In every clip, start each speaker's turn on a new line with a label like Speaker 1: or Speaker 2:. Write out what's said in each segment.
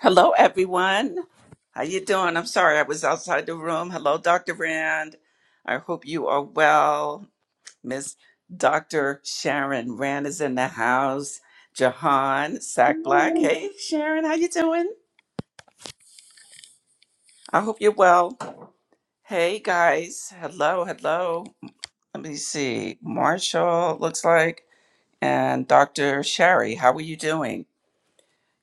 Speaker 1: Hello, everyone. How you doing? I'm sorry I was outside the room. Hello, Dr. Rand. I hope you are well. Miss Dr. Sharon Rand is in the house. Jahan Sack Black.
Speaker 2: No
Speaker 1: Hey, Sharon, how you doing? I hope you're well. Hey, guys. Hello, hello. Let me see. Marshall looks like, and Dr. Sherry. How are you doing?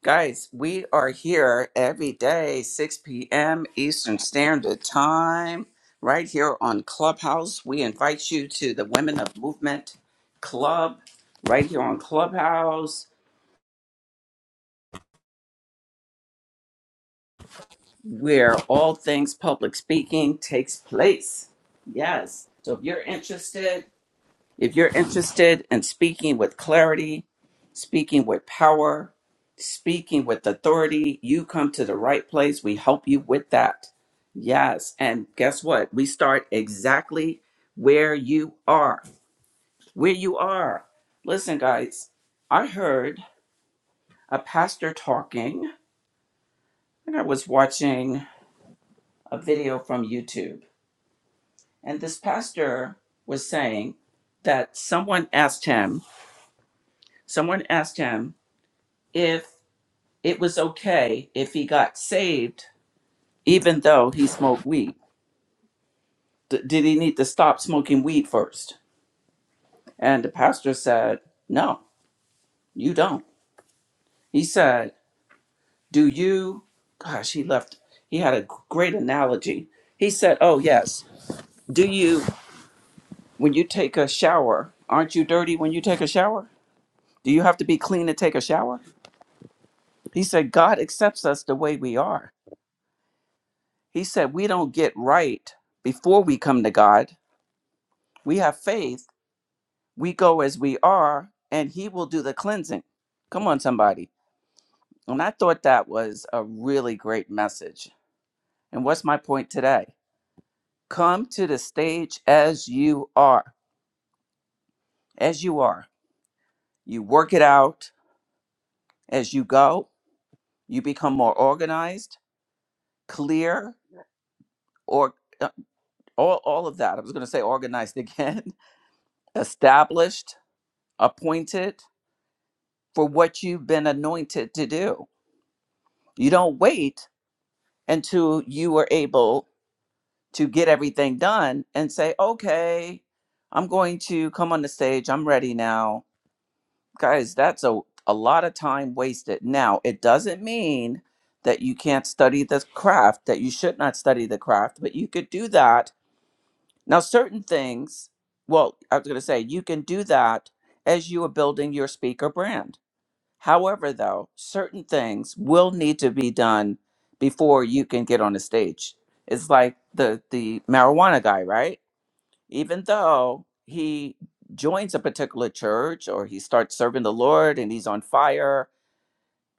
Speaker 1: Guys, we are here every day, 6 p.m. Eastern Standard Time, right here on Clubhouse. We invite you to the Women of Movement Club, right here on Clubhouse, where all things public speaking takes place. Yes. So if you're interested, If you're interested in speaking with clarity, speaking with power, speaking with authority, you come to the right place. We help you with that. Yes. And guess what? We start exactly where you are. Where you are. Listen, guys, I heard a pastor talking, and I was watching a video from YouTube. And this pastor was saying that someone asked him, someone asked him if it was okay if he got saved, even though he smoked weed. D- did he need to stop smoking weed first? And the pastor said, No, you don't. He said, Do you, gosh, he left, he had a great analogy. He said, Oh, yes. Do you, when you take a shower, aren't you dirty when you take a shower? Do you have to be clean to take a shower? He said, God accepts us the way we are. He said, We don't get right before we come to God. We have faith We go as we are, and He will do the cleansing. Come on, somebody. And I thought that was a really great message. And what's my point today? Come to the stage as you are, as you are. You work it out as you go, you become more organized, clear, or uh, all, all of that. I was going to say organized again, established, appointed for what you've been anointed to do. You don't wait until you are able to get everything done and say, okay, I'm going to come on the stage. I'm ready now. Guys, that's a, a lot of time wasted. Now, it doesn't mean that you can't study the craft, that you should not study the craft, but you could do that. Now, certain things, well, I was going to say, you can do that as you are building your speaker brand. However, though, certain things will need to be done before you can get on the stage. It's like the the marijuana guy, right? even though he joins a particular church or he starts serving the Lord and he's on fire,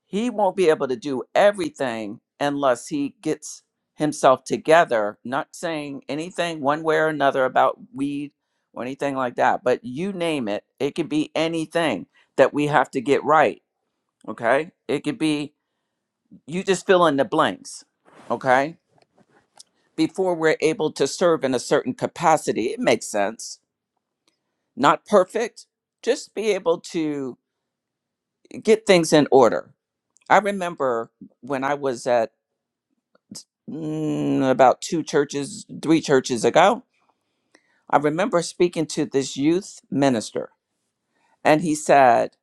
Speaker 1: he won't be able to do everything unless he gets himself together, not saying anything one way or another about weed or anything like that, but you name it, it could be anything that we have to get right. Okay. It could be you just fill in the blanks. Okay. Before we're able to serve in a certain capacity, it makes sense not perfect, just be able to get things in order. I remember when I was at mm, about two churches, three churches ago, I remember speaking to this youth minister, and he said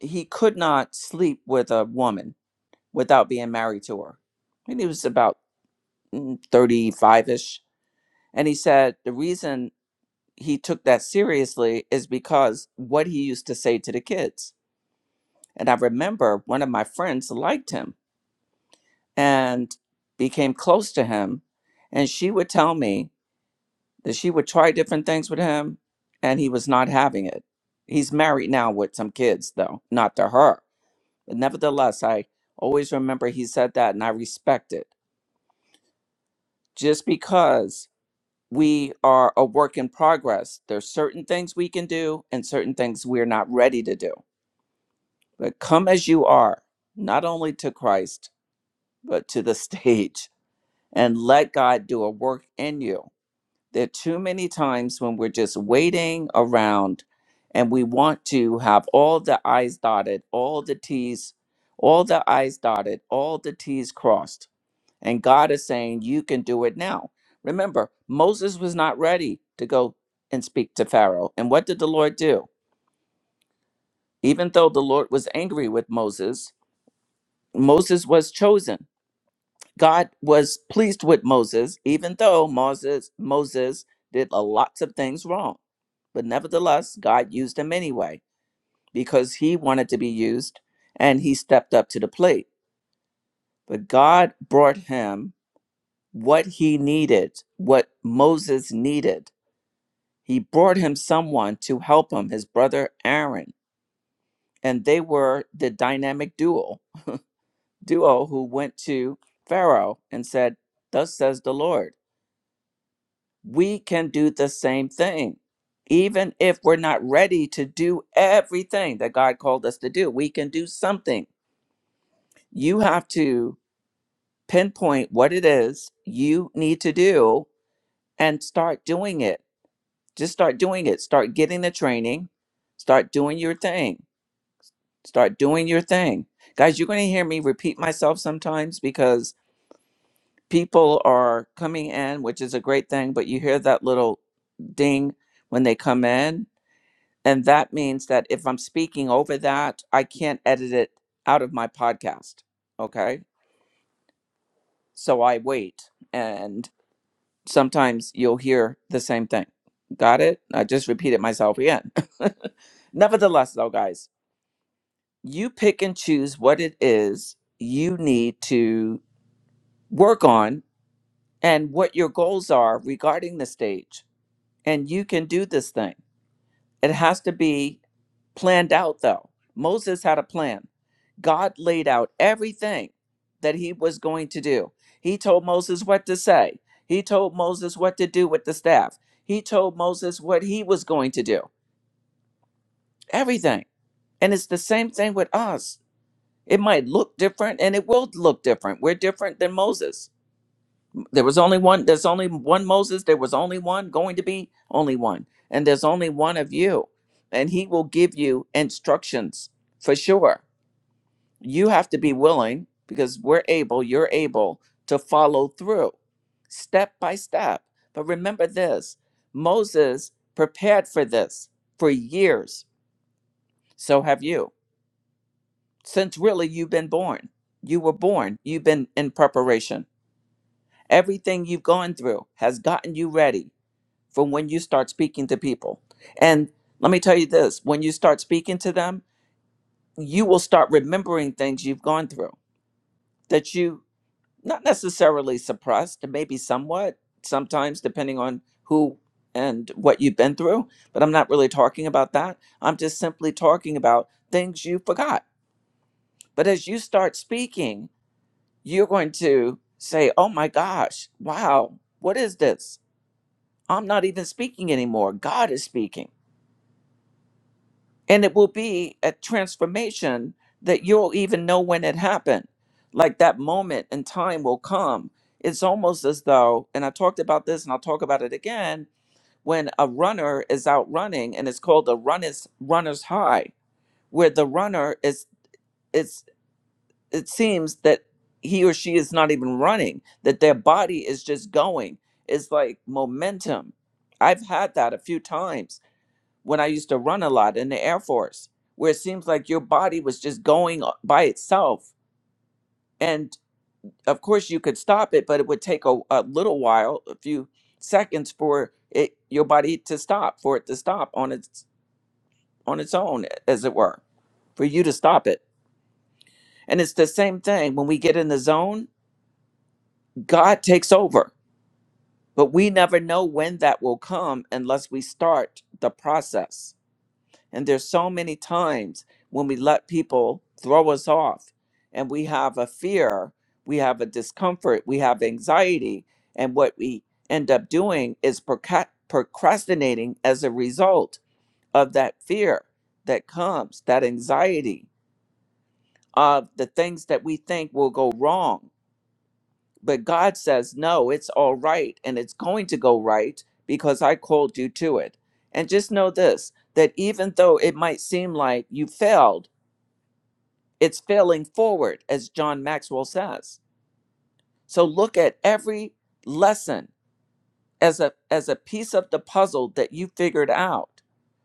Speaker 1: he could not sleep with a woman without being married to her. And he was about 35 ish. And he said the reason he took that seriously is because what he used to say to the kids. And I remember one of my friends liked him and became close to him. And she would tell me that she would try different things with him and he was not having it. He's married now with some kids, though, not to her. But nevertheless, I always remember he said that and I respect it. Just because we are a work in progress, there's certain things we can do and certain things we're not ready to do. But come as you are, not only to Christ, but to the stage and let God do a work in you There are too many times when we're just waiting around and we want to have all the I's dotted, all the T's, all the I's dotted, all the T's crossed. And God is saying, You can do it now. Remember, Moses was not ready to go and speak to Pharaoh. And what did the Lord do? Even though the Lord was angry with Moses, Moses was chosen. God was pleased with Moses, even though Moses Moses did a lots of things wrong. But nevertheless, God used him anyway because he wanted to be used and he stepped up to the plate. But God brought him what he needed, what Moses needed. He brought him someone to help him, his brother Aaron. And they were the dynamic duo, duo who went to Pharaoh and said, Thus says the Lord. we can do the same thing. Even if we're not ready to do everything that God called us to do, we can do something. You have to pinpoint what it is you need to do and start doing it. Just start doing it. Start getting the training. Start doing your thing. Start doing your thing. Guys, you're going to hear me repeat myself sometimes because people are coming in, which is a great thing, but you hear that little ding when they come in And that means that if I'm speaking over that, I can't edit it out of my podcast. Okay. So I wait. And sometimes you'll hear the same thing. Got it? I just repeated myself again. Nevertheless, though, guys, you pick and choose what it is you need to work on and what your goals are regarding the stage. And you can do this thing. It has to be planned out, though. Moses had a plan. God laid out everything that he was going to do. He told Moses what to say, he told Moses what to do with the staff, he told Moses what he was going to do, everything. And it's the same thing with us. It might look different and it will look different. We're different than Moses there was only one, there's only one Moses, there was only one, going to be only one. And there's only one of you. And he will give you instructions for sure. You have to be willing because we're able, you're able to follow through step by step. But remember this Moses prepared for this for years. So have you. Since really you've been born, you were born, you've been in preparation. Everything you've gone through has gotten you ready from when you start speaking to people. And let me tell you this when you start speaking to them, you will start remembering things you've gone through that you not necessarily suppressed, maybe somewhat, sometimes depending on who and what you've been through. But I'm not really talking about that. I'm just simply talking about things you forgot. But as you start speaking, you're going to say, Oh my gosh, wow, what is this? I'm not even speaking anymore. God is speaking and it will be a transformation that you'll even know when it happened like that moment in time will come it's almost as though and i talked about this and i'll talk about it again when a runner is out running and it's called the runner's runner's high where the runner is it's it seems that he or she is not even running that their body is just going it's like momentum i've had that a few times when I used to run a lot in the Air Force, where it seems like your body was just going uh, by itself. And of course, you could stop it, but it would take a, a little while, a few seconds, for it your body to stop, for it to stop on its on its own, as it were, for you to stop it. And it's the same thing when we get in the zone. God takes over, but we never know when that will come unless we start the process And there's so many times when we let people throw us off and we have a fear, we have a discomfort, we have anxiety. And what we end up doing is proca- procrastinating as a result of that fear that comes, that anxiety of the things that we think will go wrong. But God says, no, it's all right and it's going to go right because I called you to it. And just know this that even though it might seem like you failed, It's failing forward, as John Maxwell says. So look at every lesson as a as a piece of the puzzle that you figured out.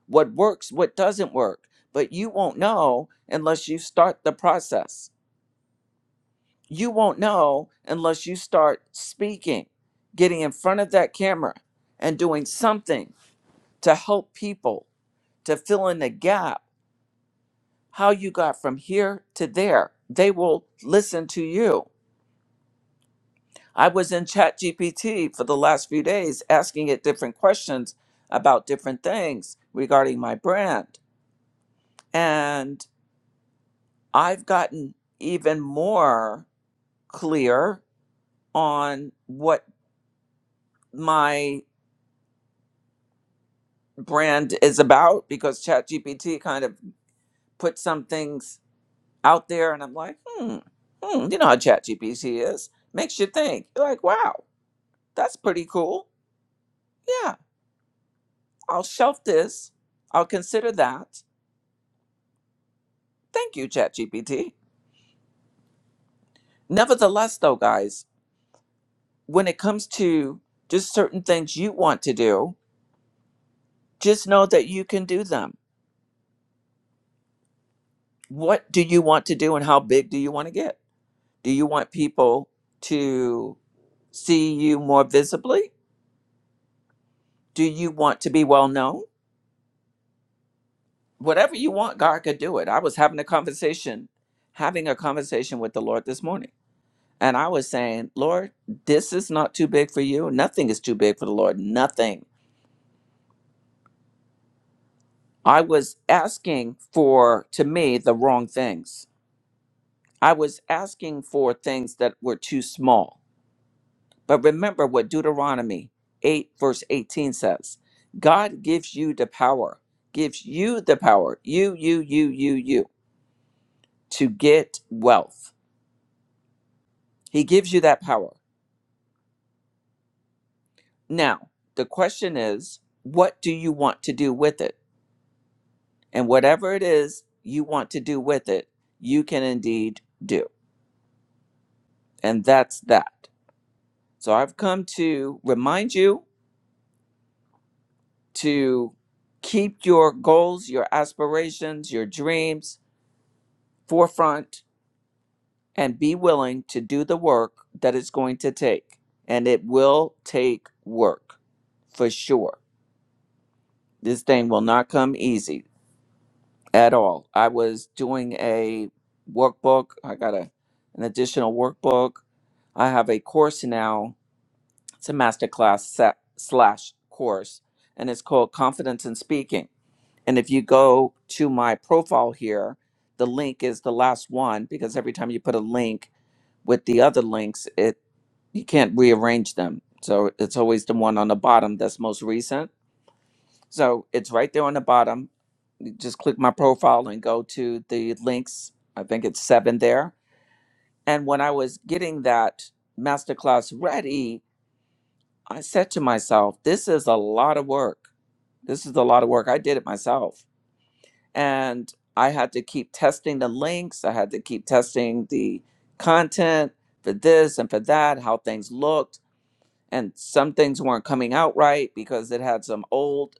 Speaker 1: What works, what doesn't work, but you won't know unless you start the process. You won't know unless you start speaking, getting in front of that camera and doing something to help people to fill in the gap how you got from here to there. They will listen to you I was in ChatGPT for the last few days asking it different questions about different things regarding my brand. And I've gotten even more clear on what my brand is about because ChatGPT kind of put some things out there and I'm like, hmm, hmm, you know how ChatGPT is. Makes you think. You're like, wow, that's pretty cool. Yeah, I'll shelf this. I'll consider that Thank you, ChatGPT. Nevertheless, though, guys, when it comes to just certain things you want to do, just know that you can do them. What do you want to do and how big do you want to get? Do you want people to see you more visibly? Do you want to be well known? Whatever you want, God could do it. I was having a conversation, having a conversation with the Lord this morning. And I was saying, Lord, this is not too big for you. Nothing is too big for the Lord. Nothing. I was asking for, to me, the wrong things. I was asking for things that were too small. But remember what Deuteronomy 8, verse 18 says God gives you the power, gives you the power, you, you, you, you, you, to get wealth. He gives you that power. Now, the question is, what do you want to do with it? And whatever it is you want to do with it, you can indeed do. And that's that. So I've come to remind you to keep your goals, your aspirations, your dreams forefront and be willing to do the work that it's going to take. And it will take work for sure. This thing will not come easy at all. I was doing a workbook, I got a, an additional workbook. I have a course now, it's a masterclass set slash course, and it's called Confidence in Speaking And if you go to my profile here, the link is the last one because every time you put a link with the other links, it you can't rearrange them. So it's always the one on the bottom that's most recent. So it's right there on the bottom. You just click my profile and go to the links. I think it's seven there. And when I was getting that masterclass ready, I said to myself, this is a lot of work. This is a lot of work. I did it myself and I had to keep testing the links. I had to keep testing the content for this and for that, how things looked. And some things weren't coming out right because it had some old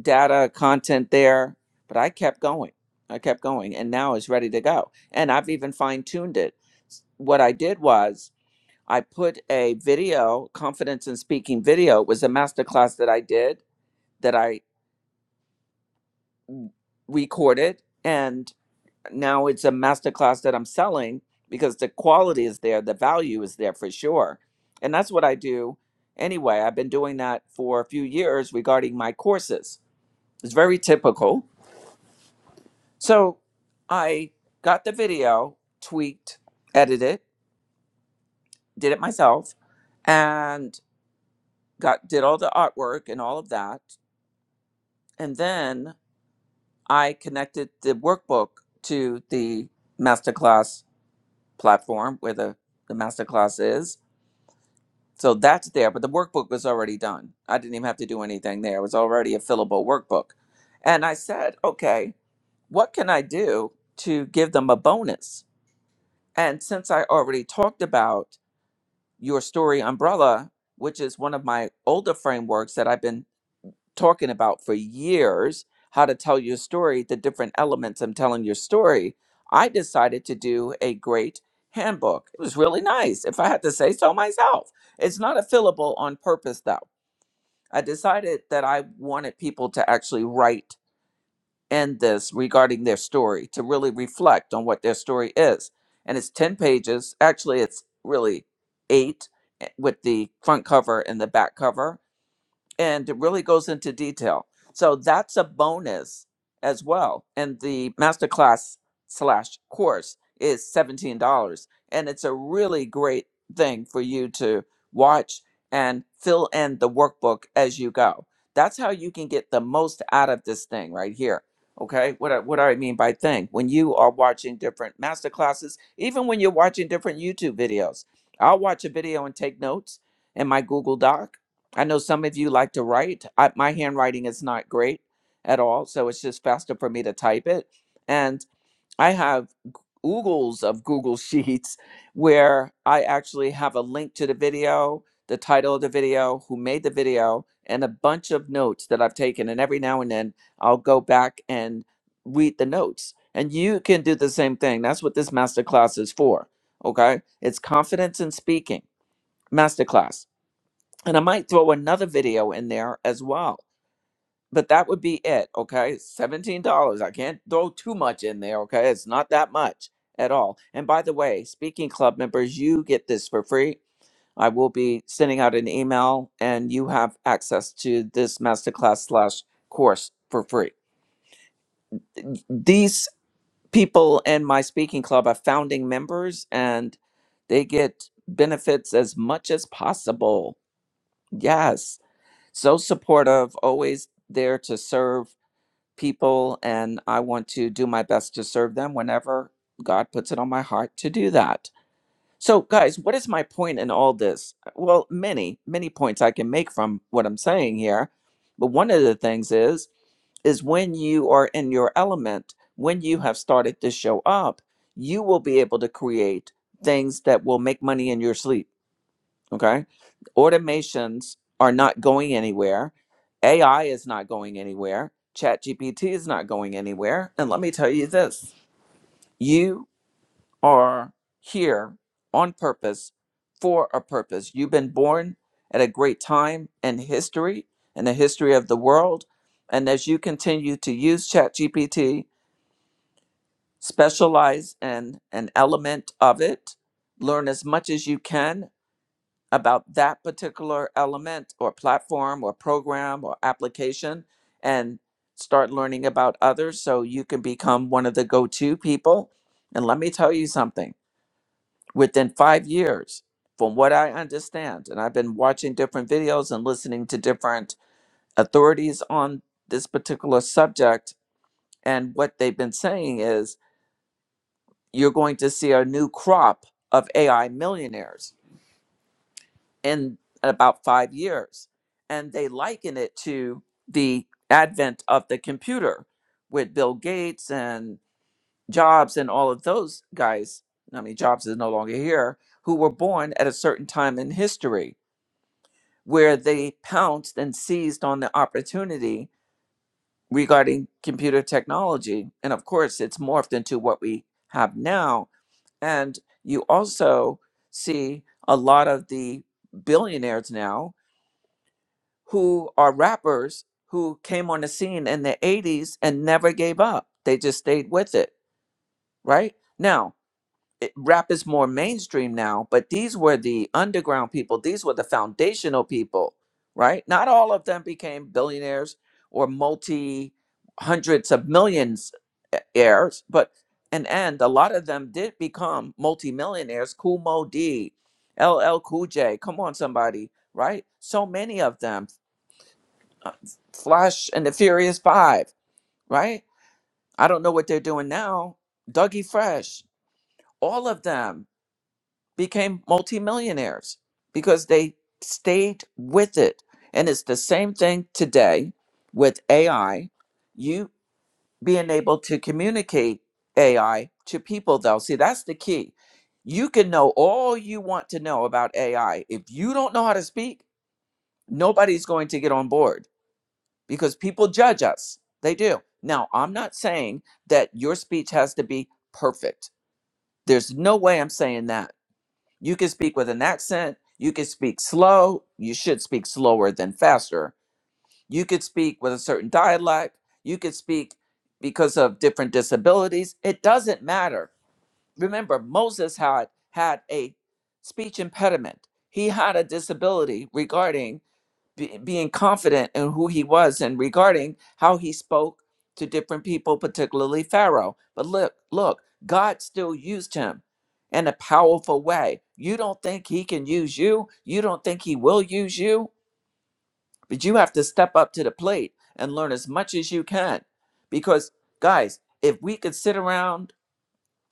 Speaker 1: data content there. But I kept going. I kept going. And now it's ready to go. And I've even fine tuned it. S- What I did was I put a video, confidence in speaking video, it was a masterclass that I did that I recorded. and. now it's a masterclass that I'm selling because the quality is there, the value is there for sure. And that's what I do anyway. I've been doing that for a few years regarding my courses. It's very typical. So I got the video tweaked, edited, did it myself, and got did all the artwork and all of that. And then I connected the workbook to the masterclass platform where the, the masterclass is So that's there, but the workbook was already done. I didn't even have to do anything there. It was already a fillable workbook. And I said, okay, what can I do to give them a bonus? And since I already talked about your story umbrella, which is one of my older frameworks that I've been talking about for years how to tell your story, the different elements I'm telling your story, I decided to do a great handbook. It was really nice, if I had to say so myself. It's not a fillable on purpose, though. I decided that I wanted people to actually write in this regarding their story, to really reflect on what their story is. And it's 10 pages. Actually, it's really eight eh, with the front cover and the back cover and it really goes into detail. So that's a bonus as well. And the masterclass slash course is seventeen dollars, and it's a really great thing for you to watch and fill in the workbook as you go. That's how you can get the most out of this thing right here. Okay, what I, what do I mean by thing? When you are watching different master classes, even when you're watching different YouTube videos, I'll watch a video and take notes in my Google Doc I know some of you like to write. I, my handwriting is not great at all, so it's just faster for me to type it. And I have oogles of Google Sheets where I actually have a link to the video, the title of the video, who made the video, and a bunch of notes that I've taken. And every now and then I'll go back and read the notes. And you can do the same thing. That's what this masterclass is for. Okay. It's confidence in speaking masterclass and I might throw another video in there as well. But that would be it, okay? $17. I can't throw too much in there, okay? It's not that much at all. And by the way, speaking club members, you get this for free. I will be sending out an email and you have access to this masterclass slash course for free. Th- These people in my speaking club are founding members and they get benefits as much as possible. Yes. so supportive, always there to serve people. And I want to do my best to serve them whenever God puts it on my heart to do that. So, guys, what is my point in all this? Well, many, many points I can make from what I'm saying here. But one of the things is, is when you are in your element, when you have started to show up, you will be able to create things that will make money in your sleep Okay. Automations are not going anywhere. AI is not going anywhere. ChatGPT is not going anywhere. And let me tell you this you are here on purpose for a purpose. You've been born at a great time in history, in the history of the world. And as you continue to use ChatGPT, specialize in an element of it, learn as much as you can, about that particular element or platform or program or application and start learning about others so you can become one of the go to people. And let me tell you something within five years, from what I understand, and I've been watching different videos and listening to different authorities on this particular subject, and what they've been saying is you're going to see a new crop of AI millionaires in about five years. And they liken it to the advent of the computer with Bill Gates and Jobs and all of those guys. I mean, Jobs is no longer here, who were born at a certain time in history where they pounced and seized on the opportunity regarding computer technology. And of course, it's morphed into what we have now. And you also see a lot of the billionaires now who are rappers who came on the scene in the 80s and never gave up. They just stayed with it, right? Now, it, rap is more mainstream now, but these were the underground people. These were the foundational people, right? Not all of them became billionaires or multi hundreds of millions e- heirs, but and and a lot of them did become multimillionaires. Kumo D, LL Cool J, come on somebody, right? So many of them uh, Flash and the Furious Five, right? I don't know what they're doing now. Dougie Fresh, all of them became multimillionaires because they stayed with it. And it's the same thing today with AI. You being able to communicate AI to people, though. See, that's the key. You can know all you want to know about AI. If you don't know how to speak, nobody's going to get on board because people judge us. They do. Now, I'm not saying that your speech has to be perfect. There's no way I'm saying that. You can speak with an accent. You can speak slow. You should speak slower than faster. You could speak with a certain dialect. You could speak because of different disabilities. It doesn't matter. Remember, Moses had had a speech impediment. He had a disability regarding be, being confident in who he was and regarding how he spoke to different people, particularly Pharaoh. But look, look, God still used him in a powerful way. You don't think he can use you? You don't think he will use you? But you have to step up to the plate and learn as much as you can. Because, guys, if we could sit around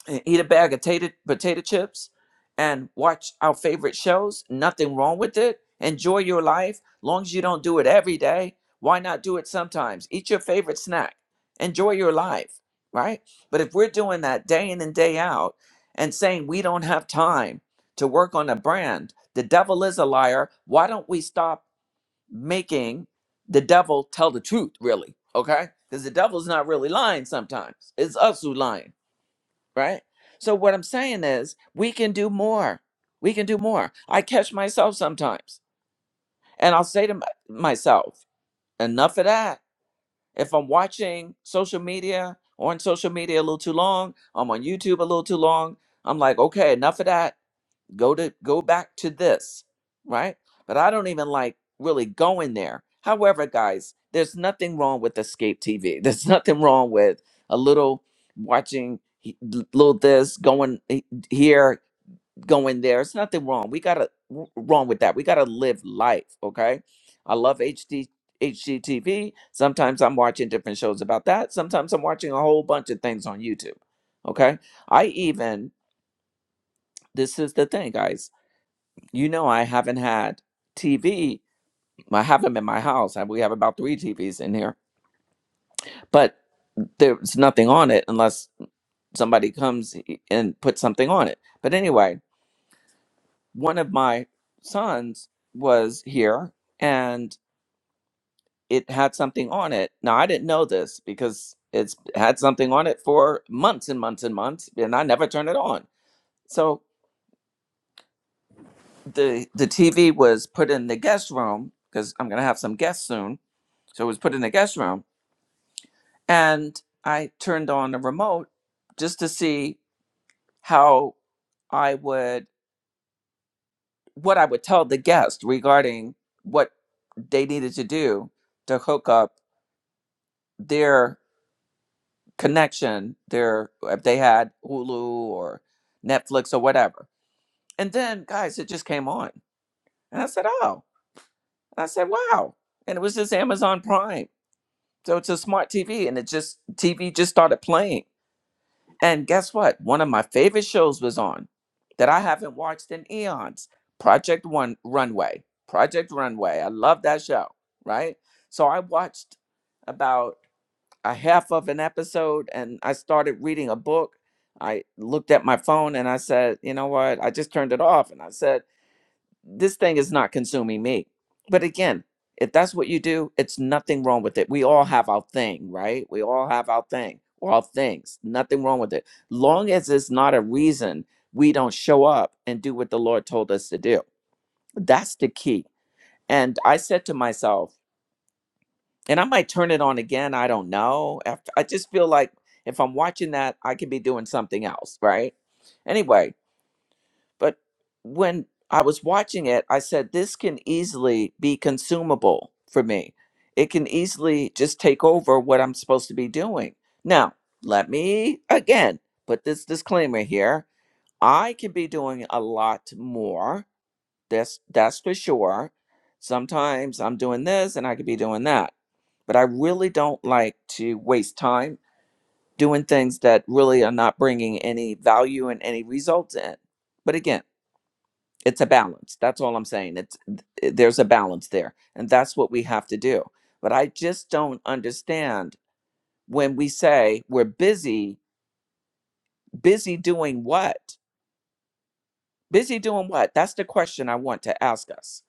Speaker 1: and eat a bag of tater, potato chips and watch our favorite shows. Nothing wrong with it. Enjoy your life. Long as you don't do it every day, why not do it sometimes? Eat your favorite snack. Enjoy your life, right? But if we're doing that day in and day out and saying we don't have time to work on a brand, the devil is a liar. Why don't we stop making the devil tell the truth, really? Okay? Because the devil's not really lying sometimes. It's us who lying right? So what I'm saying is we can do more. We can do more. I catch myself sometimes and I'll say to my- myself, enough of that. If I'm watching social media or on social media a little too long, I'm on YouTube a little too long. I'm like, okay, enough of that go to go back to this right but i don't even like really going there however guys there's nothing wrong with escape tv there's nothing wrong with a little watching he- little this going he- here going there it's nothing wrong we gotta w- wrong with that we gotta live life okay i love hd hgtv sometimes i'm watching different shows about that sometimes i'm watching a whole bunch of things on youtube okay i even this is the thing guys you know, I haven't had TV. I have them in my house. I- We have about three TVs in here, but there's nothing on it unless somebody comes and puts something on it. But anyway, one of my sons was here and it had something on it. Now, I didn't know this because it's had something on it for months and months and months, and I never turned it on. So the the TV was put in the guest room because I'm gonna have some guests soon. So it was put in the guest room And I turned on a remote just to see how I would, what I would tell the guest regarding what they needed to do to hook up their connection, their, if they had Hulu or Netflix or whatever. And then, guys, it just came on. And I said, oh, and I said, wow. And it was just Amazon Prime. So it's a smart TV and it just, TV just started playing And guess what? One of my favorite shows was on that I haven't watched in eons Project One Runway. Project Runway. I love that show, right? So I watched about a half of an episode and I started reading a book. I looked at my phone and I said, you know what? I just turned it off and I said, this thing is not consuming me. But again, if that's what you do, it's nothing wrong with it. We all have our thing, right? We all have our thing, or our things. Nothing wrong with it. Long as it's not a reason we don't show up and do what the Lord told us to do. That's the key. And I said to myself, and I might turn it on again. I don't know. After, I just feel like if I'm watching that, I could be doing something else, right? Anyway, but when I was watching it, I said, this can easily be consumable for me. It can easily just take over what I'm supposed to be doing. Now, let me again put this disclaimer here. I can be doing a lot more. That's that's for sure. Sometimes I'm doing this and I could be doing that. But I really don't like to waste time doing things that really are not bringing any value and any results in. But again, it's a balance that's all i'm saying it's there's a balance there and that's what we have to do but i just don't understand when we say we're busy busy doing what busy doing what that's the question i want to ask us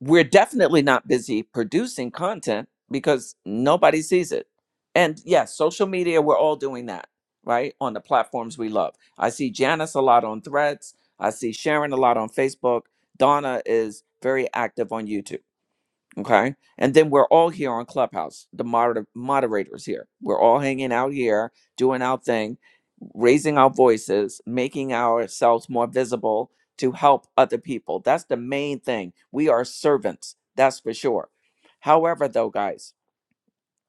Speaker 1: we're definitely not busy producing content because nobody sees it and yes social media we're all doing that right on the platforms we love i see janice a lot on threads i see sharon a lot on facebook donna is very active on youtube Okay. And then we're all here on Clubhouse, the moder- moderators here. We're all hanging out here, doing our thing, raising our voices, making ourselves more visible to help other people. That's the main thing. We are servants, that's for sure. However, though, guys,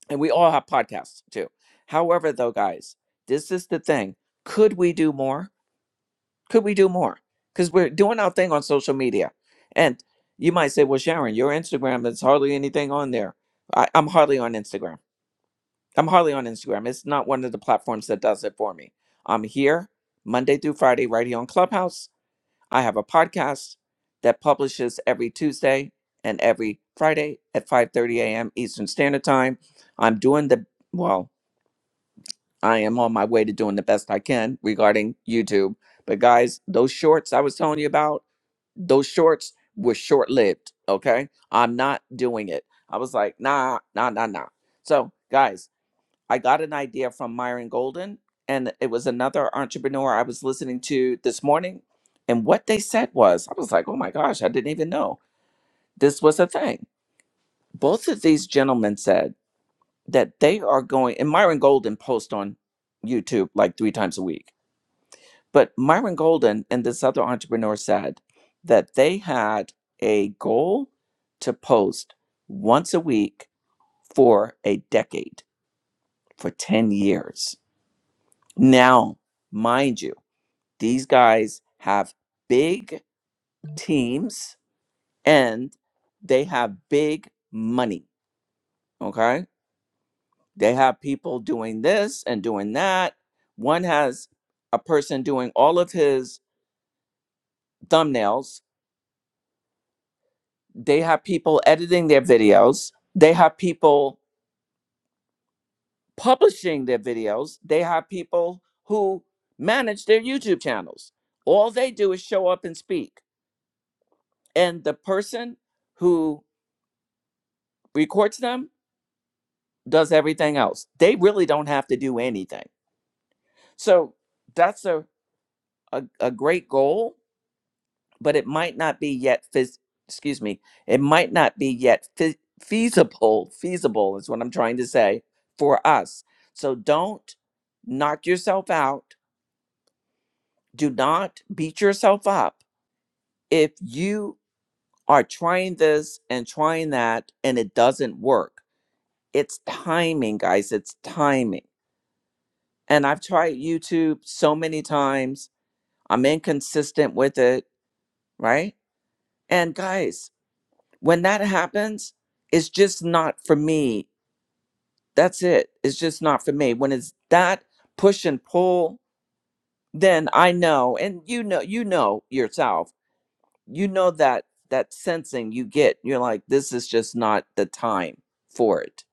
Speaker 1: and we all have podcasts too. However, though, guys, this is the thing. Could we do more? Could we do more? Because we're doing our thing on social media. And you might say, well, Sharon, your Instagram, there's hardly anything on there. I, I'm hardly on Instagram. I'm hardly on Instagram. It's not one of the platforms that does it for me. I'm here Monday through Friday right here on Clubhouse. I have a podcast that publishes every Tuesday and every Friday at 5:30 a.m. Eastern Standard Time. I'm doing the well. I am on my way to doing the best I can regarding YouTube. But guys, those shorts I was telling you about, those shorts were short lived. Okay. I'm not doing it. I was like, nah, nah, nah, nah. So, guys, I got an idea from Myron Golden, and it was another entrepreneur I was listening to this morning. And what they said was, I was like, oh my gosh, I didn't even know this was a thing. Both of these gentlemen said, that they are going and Myron Golden posts on YouTube like three times a week. But Myron Golden and this other entrepreneur said that they had a goal to post once a week for a decade, for 10 years. Now, mind you, these guys have big teams and they have big money. Okay. They have people doing this and doing that. One has a person doing all of his thumbnails. They have people editing their videos. They have people publishing their videos. They have people who manage their YouTube channels. All they do is show up and speak. And the person who records them does everything else. They really don't have to do anything. So that's a, a, a great goal but it might not be yet phys- excuse me it might not be yet fe- feasible feasible is what i'm trying to say for us so don't knock yourself out do not beat yourself up if you are trying this and trying that and it doesn't work it's timing guys it's timing and i've tried youtube so many times i'm inconsistent with it right and guys when that happens, it's just not for me. That's it. It's just not for me. When it's that push and pull, then I know, and you know, you know yourself. You know that that sensing you get. You're like, this is just not the time for it,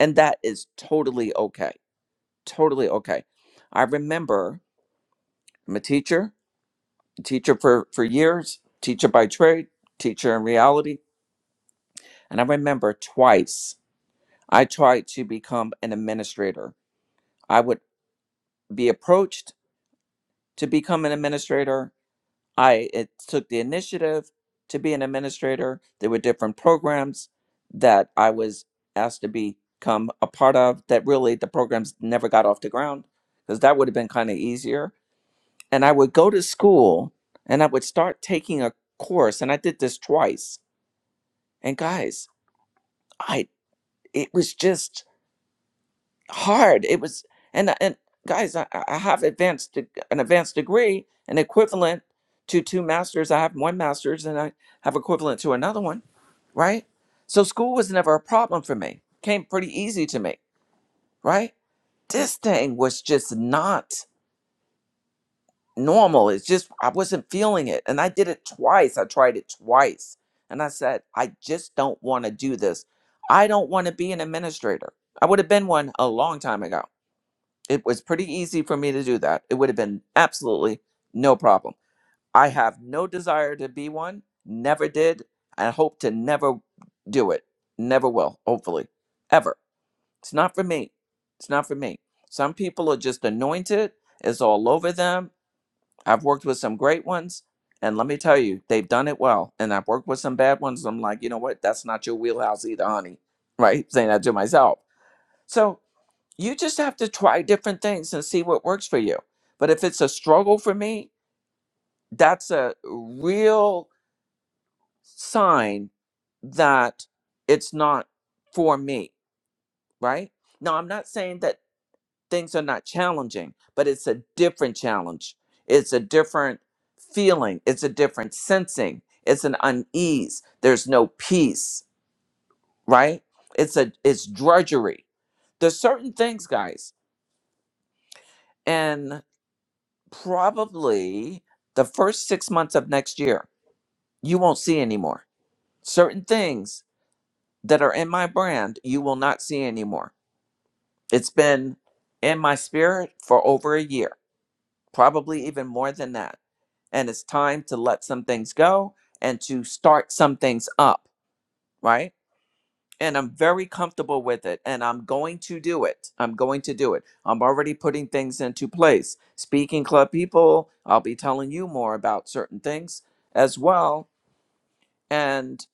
Speaker 1: and that is totally okay. Totally okay. I remember I'm a teacher, a teacher for for years, teacher by trade, teacher in reality, and I remember twice I tried to become an administrator. I would be approached to become an administrator. I it took the initiative to be an administrator. There were different programs that I was asked to become a part of that really the programs never got off the ground because that would have been kind of easier. And I would go to school and I would start taking a course and I did this twice. And guys, I it was just hard. It was, and and guys, I, I have advanced de- an advanced degree, an equivalent to two masters. I have one master's, and I have equivalent to another one. Right. So school was never a problem for me. Came pretty easy to me. Right. This thing was just not normal. It's just I wasn't feeling it, and I did it twice. I tried it twice, and I said I just don't want to do this. I don't want to be an administrator. I would have been one a long time ago It was pretty easy for me to do that. It would have been absolutely no problem. I have no desire to be one, never did, and hope to never do it. Never will, hopefully, ever. It's not for me. It's not for me. Some people are just anointed, it's all over them. I've worked with some great ones, and let me tell you, they've done it well. And I've worked with some bad ones. I'm like, you know what? That's not your wheelhouse either, honey. Right? Saying that to myself. So you just have to try different things and see what works for you. But if it's a struggle for me, that's a real sign that it's not for me, right? Now, I'm not saying that things are not challenging, but it's a different challenge. It's a different feeling, it's a different sensing, it's an unease. There's no peace, right? It's a it's drudgery. There's certain things, guys. probably the first six months of next year, you won't see anymore. Certain things that are in my brand, you will not see anymore. It's been in my spirit for over a year, probably even more than that. And it's time to let some things go and to start some things up, right? and I'm very comfortable with it and I'm going to do it. I'm going to do it. I'm already putting things into place. Speaking club people, I'll be telling you more about certain things as well and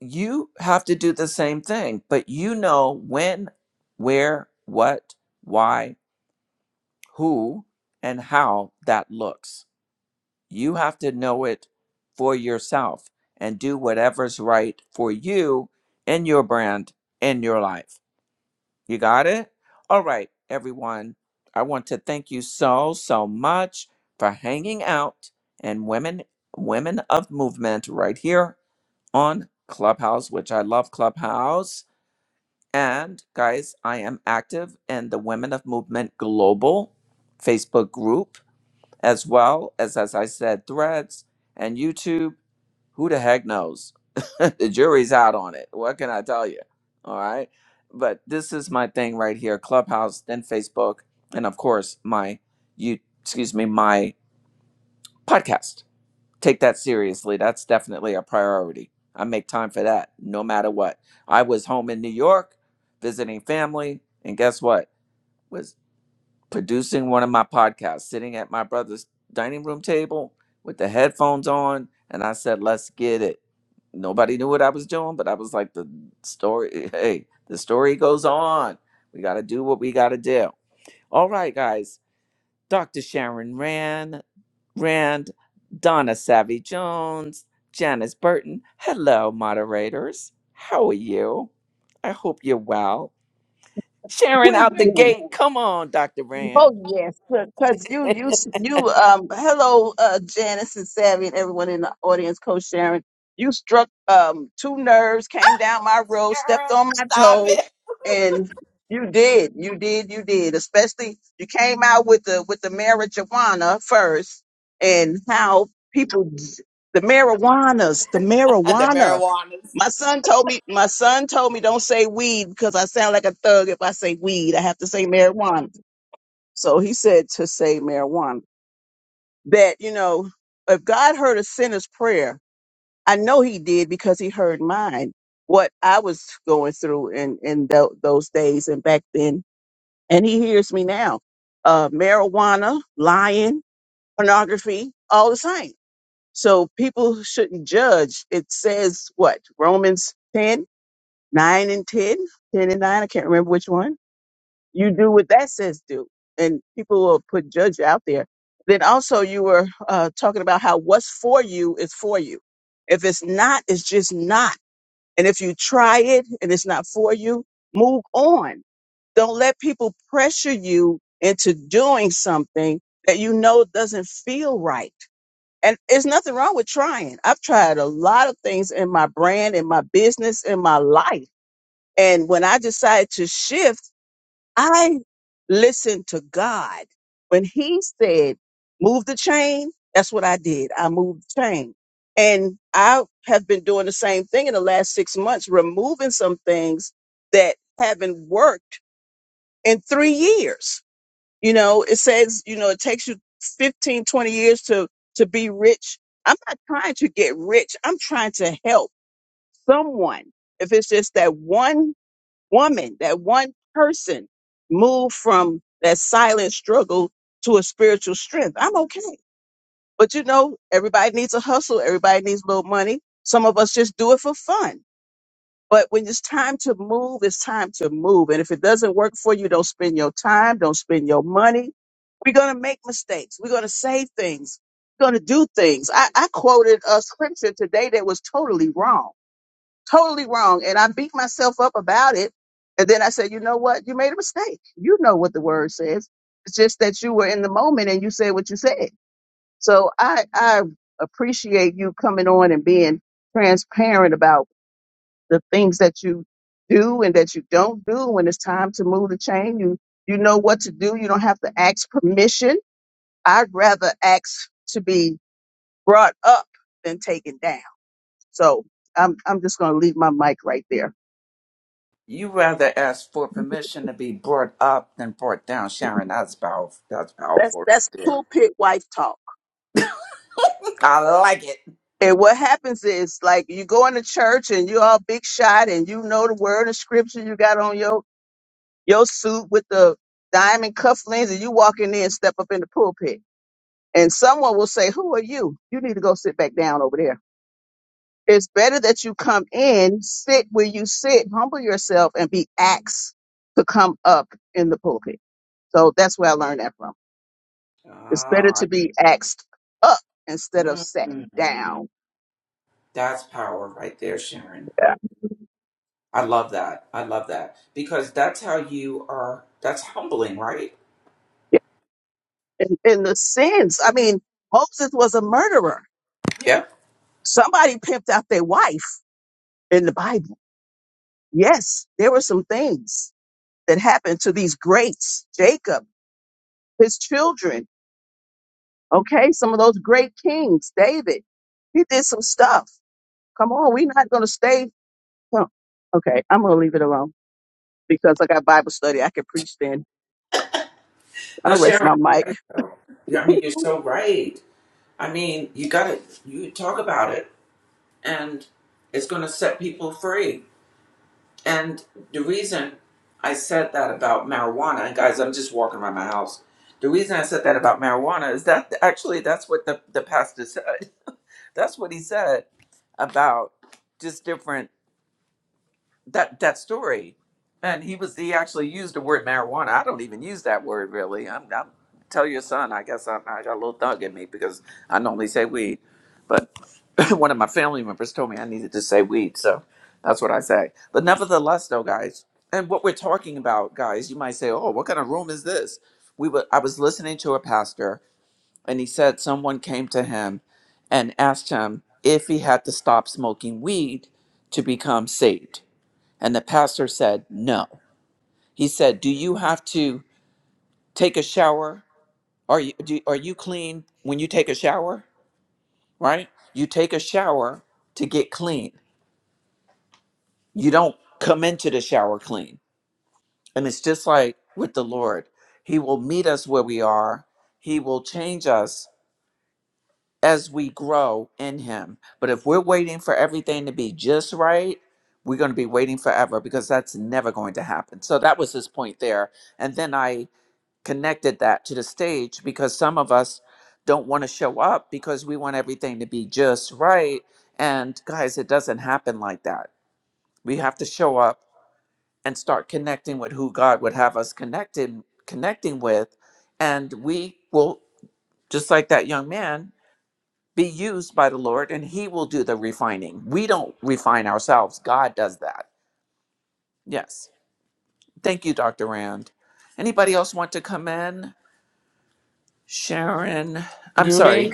Speaker 1: you have to do the same thing, but you know when, where, what, why, who and how that looks. You have to know it for yourself and do whatever's right for you and your brand in your life you got it? All right, everyone. I want to thank you so, so much for hanging out and women women of movement right here on Clubhouse, which I love Clubhouse. And guys, I am active in the Women of Movement Global Facebook group, as well as as I said, threads and YouTube who the heck knows? the jury's out on it. What can I tell you? All right. But this is my thing right here Clubhouse, then Facebook, and of course, my, you, excuse me, my podcast. Take that seriously. That's definitely a priority. I make time for that no matter what. I was home in New York visiting family, and guess what? was producing one of my podcasts, sitting at my brother's dining room table with the headphones on, and I said, "Let's get it." Nobody knew what I was doing, but I was like, "The story, hey, the story goes on. We got to do what we got to do." All right, guys. Dr. Sharon Rand, Rand, Donna Savvy Jones, Janice Burton. Hello, moderators. How are you? I hope you're well. Sharon out the
Speaker 2: wisdom.
Speaker 1: gate. Come on, Dr. Rand.
Speaker 2: Oh yes, because you, you, you. Um, hello, uh, Janice and Savvy and everyone in the audience. Coach Sharon, you struck um two nerves, came down my road, stepped on my toe, and you did, you did, you did. Especially you came out with the with the marijuana first, and how people, the marijuanas, the marijuana. My son told me, my son told me don't say weed because I sound like a thug if I say weed. I have to say marijuana. So he said to say marijuana. That, you know, if God heard a sinner's prayer, I know he did because he heard mine, what I was going through in, in tho- those days and back then. And he hears me now. Uh, marijuana, lying, pornography, all the same. So people shouldn't judge. It says what? Romans 10 nine and 10, 10 and nine, I can't remember which one. You do what that says do. And people will put judge out there. Then also you were uh, talking about how what's for you is for you. If it's not, it's just not. And if you try it and it's not for you, move on. Don't let people pressure you into doing something that you know doesn't feel right. And there's nothing wrong with trying. I've tried a lot of things in my brand, in my business, in my life and when I decided to shift, I listened to God. When He said, move the chain, that's what I did. I moved the chain. And I have been doing the same thing in the last six months, removing some things that haven't worked in three years. You know, it says, you know, it takes you 15, 20 years to, to be rich. I'm not trying to get rich. I'm trying to help someone. If it's just that one woman, that one person moved from that silent struggle to a spiritual strength. I'm okay. But you know, everybody needs a hustle, everybody needs a little money. Some of us just do it for fun. But when it's time to move, it's time to move. And if it doesn't work for you, don't spend your time, don't spend your money. We're going to make mistakes. We're going to say things. We're going to do things. I, I quoted a scripture today that was totally wrong totally wrong. And I beat myself up about it. And then I said, you know what? You made a mistake. You know what the word says. It's just that you were in the moment and you said what you said. So I, I appreciate you coming on and being transparent about the things that you do and that you don't do when it's time to move the chain. You, you know what to do. You don't have to ask permission. I'd rather ask to be brought up than taken down. So I'm, I'm just going to leave my mic right there.
Speaker 1: You rather ask for permission to be brought up than brought down, Sharon. That's powerful. That's
Speaker 2: That's
Speaker 1: powerful right
Speaker 2: that's
Speaker 1: there.
Speaker 2: pulpit wife talk.
Speaker 1: I like it.
Speaker 2: And what happens is like you go into church and you're all big shot and you know the word of scripture, you got on your your suit with the diamond cufflinks and you walk in there and step up in the pulpit. And someone will say, Who are you? You need to go sit back down over there. It's better that you come in, sit where you sit, humble yourself, and be asked to come up in the pulpit. So that's where I learned that from. It's better
Speaker 1: Ah,
Speaker 2: to be asked up instead of
Speaker 1: mm,
Speaker 2: sat down.
Speaker 1: that's power right there, Sharon.
Speaker 2: Yeah.
Speaker 1: I love that. I love that because that's how you are. That's humbling, right?
Speaker 2: in, in the sins. I mean, Moses was a murderer.
Speaker 1: Yeah.
Speaker 2: Somebody pimped out their wife in the Bible. Yes, there were some things that happened to these greats, Jacob, his children. Okay, some of those great kings, David. He did some stuff. Come on, we're not going to stay. no. Okay, I'm going to leave it alone because I got Bible study. I can preach then.
Speaker 1: No,
Speaker 2: I'll rest
Speaker 1: Sharon,
Speaker 2: my
Speaker 1: you're
Speaker 2: mic.
Speaker 1: right though. Yeah, I mean, you're so right. I mean, you got to you talk about it, and it's going to set people free. And the reason I said that about marijuana, and guys, I'm just walking around my house. The reason I said that about marijuana is that actually that's what the, the pastor said. That's what he said about just different that that story. And he was he actually used the word marijuana. I don't even use that word really. I'm, I'm tell your son. I guess I'm, I got a little thug in me because I normally say weed, but one of my family members told me I needed to say weed, so that's what I say. But nevertheless, though, guys, and what we're talking about, guys, you might say, "Oh, what kind of room is this?" We were. I was listening to a pastor, and he said someone came to him and asked him if he had to stop smoking weed to become saved, and the pastor said no. He said, "Do you have to take a shower? Are you do, are you clean when you take a shower? Right? You take a shower to get clean." you don't come into the shower clean. And it's just like with the Lord, He will meet us where we are, He will change us as we grow in Him. But if we're waiting for everything to be just right, we're going to be waiting forever because that's never going to happen. So that was his point there. And then I connected that to the stage because some of us don't want to show up because we want everything to be just right. And guys, it doesn't happen like that. We have to show up and start connecting with who God would have us connected connecting with and we will just like that young man be used by the Lord and he will do the refining. We don't refine ourselves. God does that. Yes. Thank you Dr. Rand. Anybody else want to come in? Sharon, I'm sorry,
Speaker 3: Great.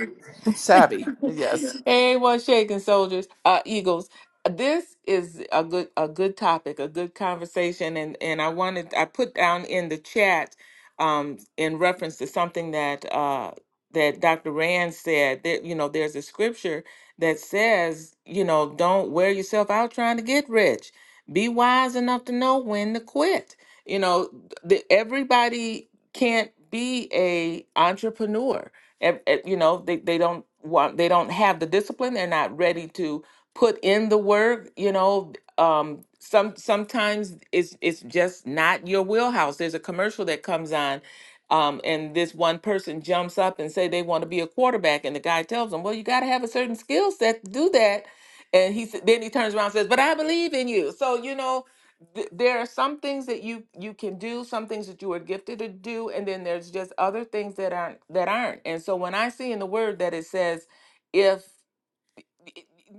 Speaker 1: Savvy. Yes.
Speaker 3: Hey, one shaking soldiers, uh, Eagles. This is a good a good topic, a good conversation, and and I wanted I put down in the chat, um, in reference to something that uh that Dr. Rand said that you know there's a scripture that says you know don't wear yourself out trying to get rich. Be wise enough to know when to quit. You know, the, everybody can't be a entrepreneur Ev- ev- you know they, they don't want they don't have the discipline they're not ready to put in the work you know um some sometimes it's it's just not your wheelhouse there's a commercial that comes on um, and this one person jumps up and say they want to be a quarterback and the guy tells them well you got to have a certain skill set to do that and he s- then he turns around and says but i believe in you so you know th- there are some things that you you can do some things that you are gifted to do and then there's just other things that aren't that aren't and so when i see in the word that it says if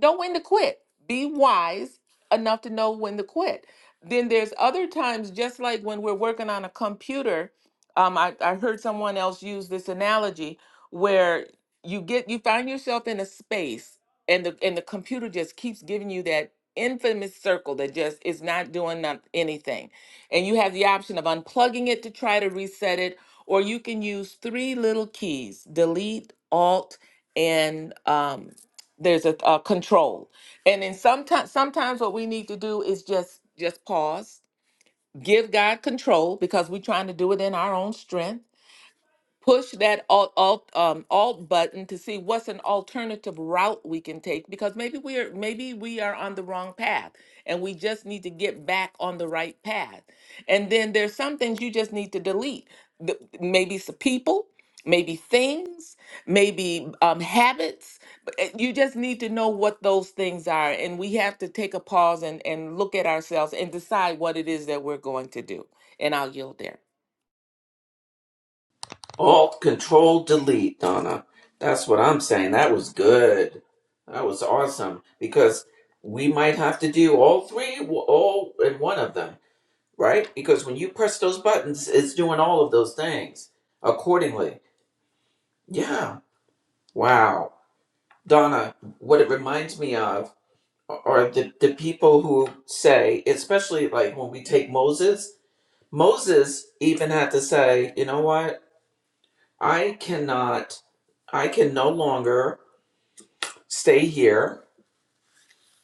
Speaker 3: know when to quit. Be wise enough to know when to quit. Then there's other times, just like when we're working on a computer. Um, I, I heard someone else use this analogy where you get you find yourself in a space and the and the computer just keeps giving you that infamous circle that just is not doing not anything. And you have the option of unplugging it to try to reset it, or you can use three little keys, delete, alt, and um, there's a, a control and then sometimes sometimes what we need to do is just just pause give god control because we're trying to do it in our own strength push that alt alt um, alt button to see what's an alternative route we can take because maybe we are maybe we are on the wrong path and we just need to get back on the right path and then there's some things you just need to delete The- maybe some people maybe things maybe um, habits but uh, you just need to know what those things are and we have to take a pause and, and look at ourselves and decide what it is that we're going to do and i'll yield there
Speaker 1: Alt Control Delete, Donna. That's what I'm saying. That was good. That was awesome because we might have to do all three, all in one of them, right? Because when you press those buttons, it's doing all of those things accordingly. Yeah. Wow, Donna. What it reminds me of are the the people who say, especially like when we take Moses. Moses even had to say, you know what? I cannot, I can no longer stay here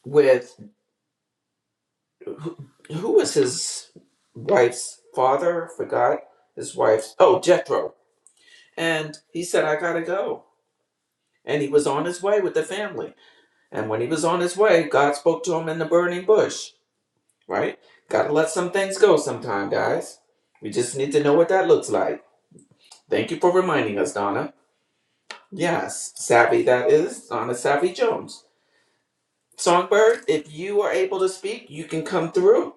Speaker 1: with, who was his wife's father? Forgot his wife's, oh, Jethro. And he said, I gotta go. And he was on his way with the family. And when he was on his way, God spoke to him in the burning bush, right? Gotta let some things go sometime, guys. We just need to know what that looks like. Thank you for reminding us, Donna. Yes, Savvy that is, Donna Savvy Jones. Songbird, if you are able to speak, you can come through.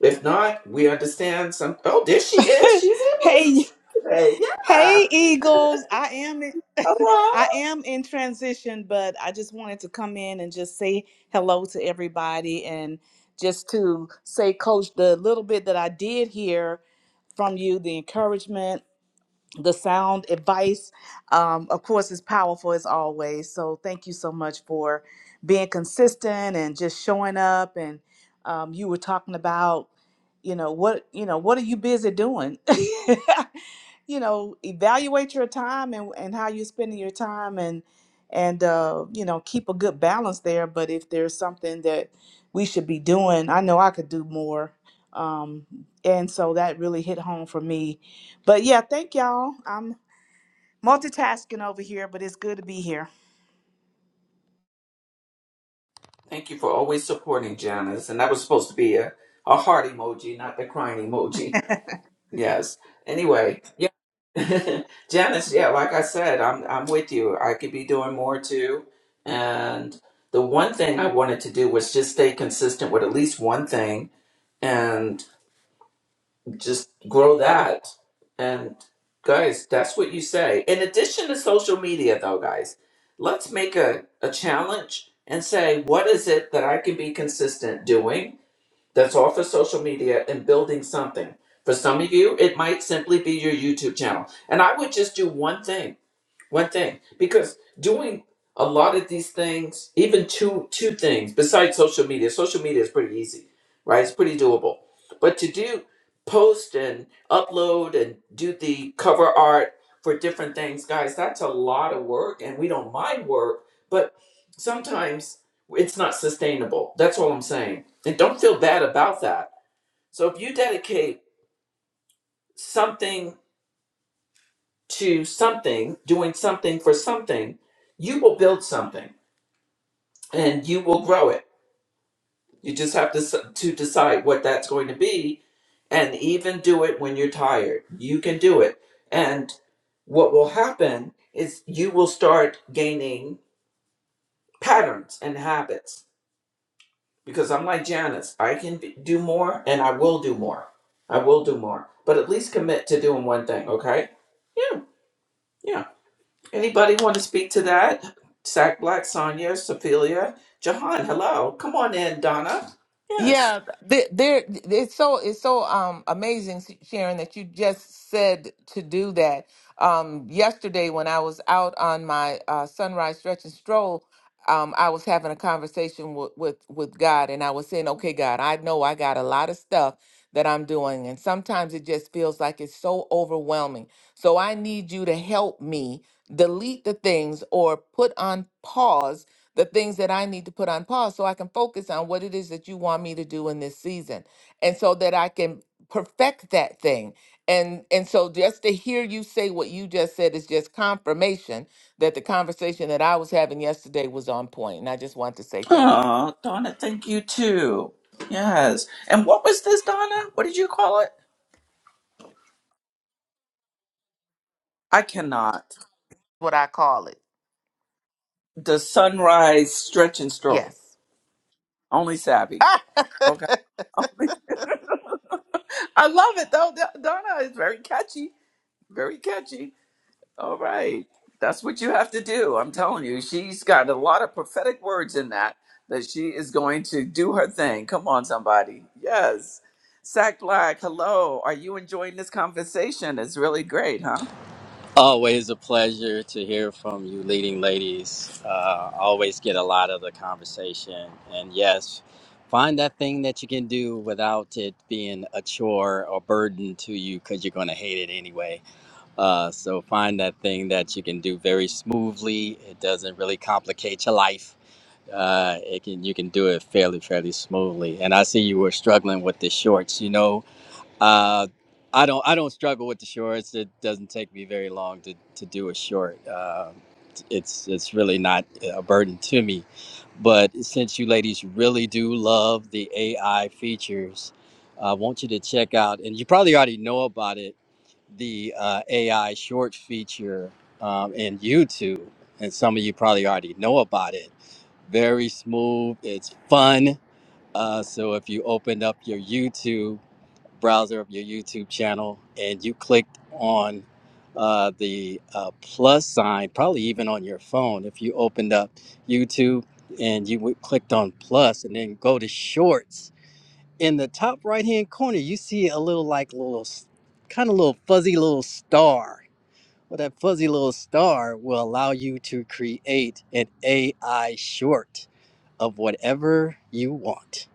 Speaker 1: If not, we understand some. Oh, there she is. She's able to
Speaker 4: hey,
Speaker 1: speak today. Yeah.
Speaker 4: hey, Eagles. I am in, I
Speaker 1: Hello.
Speaker 4: am in transition, but I just wanted to come in and just say hello to everybody and just to say, Coach, the little bit that I did hear from you, the encouragement the sound advice, um, of course, is powerful as always. So thank you so much for being consistent and just showing up. And um, you were talking about, you know, what you know, what are you busy doing? you know, evaluate your time and, and how you're spending your time, and and uh, you know, keep a good balance there. But if there's something that we should be doing, I know I could do more. Um, and so that really hit home for me but yeah, thank y'all. I'm multitasking over here, but it's good to be here.
Speaker 1: Thank you for always supporting Janice. And that was supposed to be a, a heart emoji, not the crying emoji. Yes. Anyway, yeah. Janice, yeah, like I said, I'm I'm with you. I could be doing more too. And the one thing I wanted to do was just stay consistent with at least one thing. And just grow that and guys that's what you say in addition to social media though guys let's make a, a challenge and say what is it that i can be consistent doing that's off of social media and building something for some of you it might simply be your youtube channel and i would just do one thing one thing, because doing a lot of these things, even two two things besides social media. Social media is pretty easy, right? It's pretty doable. But to do post and upload and do the cover art for different things, guys, that's a lot of work, and we don't mind work, but sometimes it's not sustainable. That's all I'm saying. And don't feel bad about that. So if you dedicate something to something, doing something for something, you will build something and you will grow it. You just have to s- to decide what that's going to be and even do it when you're tired. You can do it. And what will happen is you will start gaining patterns and habits because I'm like Janice, I can be, do more and I will do more. I will do more, but at least commit to doing one thing, okay? Yeah. Yeah. Anybody want to speak to that? Sack Black, Sonia, Sophia, Jahan, hello. Come on in, Donna. Yes.
Speaker 3: Yeah, th- there it's so it's so um amazing, S- Sharon, that you just said to do that. Um, yesterday when I was out on my uh, sunrise stretch and stroll, um, I was having a conversation with, with with God, and I was saying, "Okay, God, I know I got a lot of stuff that I'm doing, and sometimes it just feels like it's so overwhelming. So I need you to help me delete the things or put on pause." the things that I need to put on pause so I can focus on what it is that you want me to do in this season and so that I can perfect that thing. And and so just to hear you say what you just said is just confirmation that the conversation that I was having yesterday was on point. And I just want to say thank you.
Speaker 1: Oh, Donna, thank you too. Yes. And what was this, Donna? What did you call it? I cannot.
Speaker 3: What I call it.
Speaker 1: The sunrise stretch and stroll.
Speaker 3: Yes.
Speaker 1: Only savvy. Okay. Only- I love it though. Donna is very catchy. Very catchy. All right. That's what you have to do. I'm telling you, she's got a lot of prophetic words in that, that she is going to do her thing. Come on, somebody. Yes. Sack Black, hello. Are you enjoying this conversation? It's really great, huh?
Speaker 5: Always a pleasure to hear from you, leading ladies. Uh, always get a lot of the conversation. And yes, find that thing that you can do without it being a chore or burden to you because you're going to hate it anyway. Uh, so find that thing that you can do very smoothly. It doesn't really complicate your life. Uh, it can you can do it fairly fairly smoothly. And I see you were struggling with the shorts. You know uh, I don't I don't struggle with the shorts. It doesn't take me very long to, to do a short. Um it's it's really not a burden to me. But since you ladies really do love the AI features, I want you to check out, and you probably already know about it, the uh, AI short feature um, in YouTube, and some of you probably already know about it. Very smooth. It's fun. Uh, so if you opened up your YouTube browser of your YouTube channel and you clicked on uh, the uh, plus sign, probably even on your phone, if you opened up YouTube and you w- clicked on plus and then go to shorts, in the top right hand corner, you see a little like little s- kind of little fuzzy little star. Well, that fuzzy little star will allow you to create an AI short of whatever you want.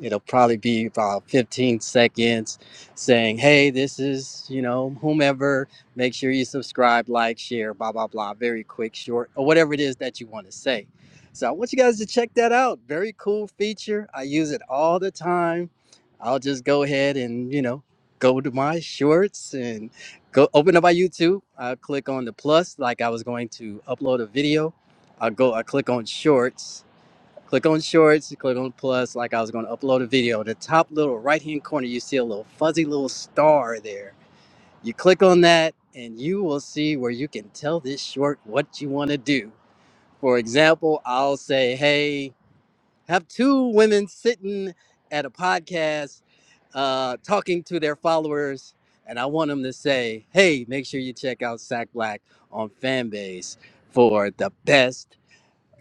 Speaker 5: It'll probably be about 15 seconds saying, Hey, this is, you know, whomever. Make sure you subscribe, like, share, blah, blah, blah. Very quick, short, or whatever it is that you want to say. So I want you guys to check that out. Very cool feature. I use it all the time. I'll just go ahead and, you know, go to my shorts and go open up my YouTube. I'll click on the plus like I was going to upload a video. I'll go, I click on shorts Click on Shorts, click on Plus, like I was going to upload a video. The top little right hand corner, you see a little fuzzy little star there. You click on that, and you will see where you can tell this short what you want to do. For example, I'll say, Hey, have two women sitting at a podcast uh, talking to their followers, and I want them to say, "Hey, make sure you check out Sack Black on Fanbase for the best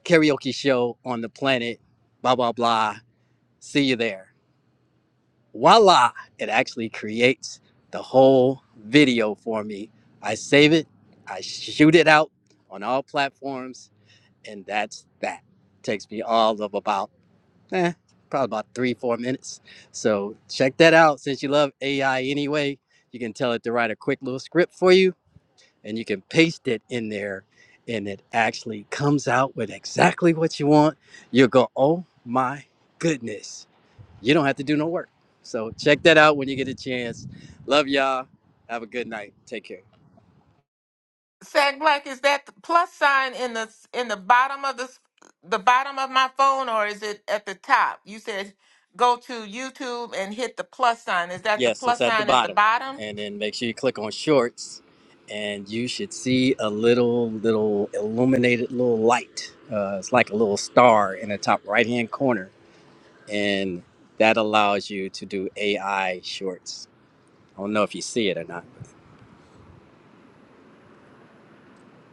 Speaker 5: karaoke show on the planet." Blah blah blah. See you there. Voila! It actually creates the whole video for me. I save it, I shoot it out on all platforms, and that's that. Takes me all of about, eh, probably about three, four minutes. So check that out. Since you love AI anyway, you can tell it to write a quick little script for you, and you can paste it in there, and it actually comes out with exactly what you want. You'll go, oh my goodness you don't have to do no work. So check that out when you get a chance. Love y'all. Have a good night. Take care.
Speaker 3: Sag Black, is that the plus sign in the in the bottom of the s- the bottom of my phone, or is it at the top? You said go to YouTube and hit the plus sign. Is that the
Speaker 5: Yes, it's
Speaker 3: plus
Speaker 5: at the
Speaker 3: sign at the
Speaker 5: bottom.
Speaker 3: bottom?
Speaker 5: And then make sure you click on shorts and you should see a little, little illuminated little light. Uh, it's like a little star in the top right hand corner. And that allows you to do AI shorts. I don't know if you see it or not.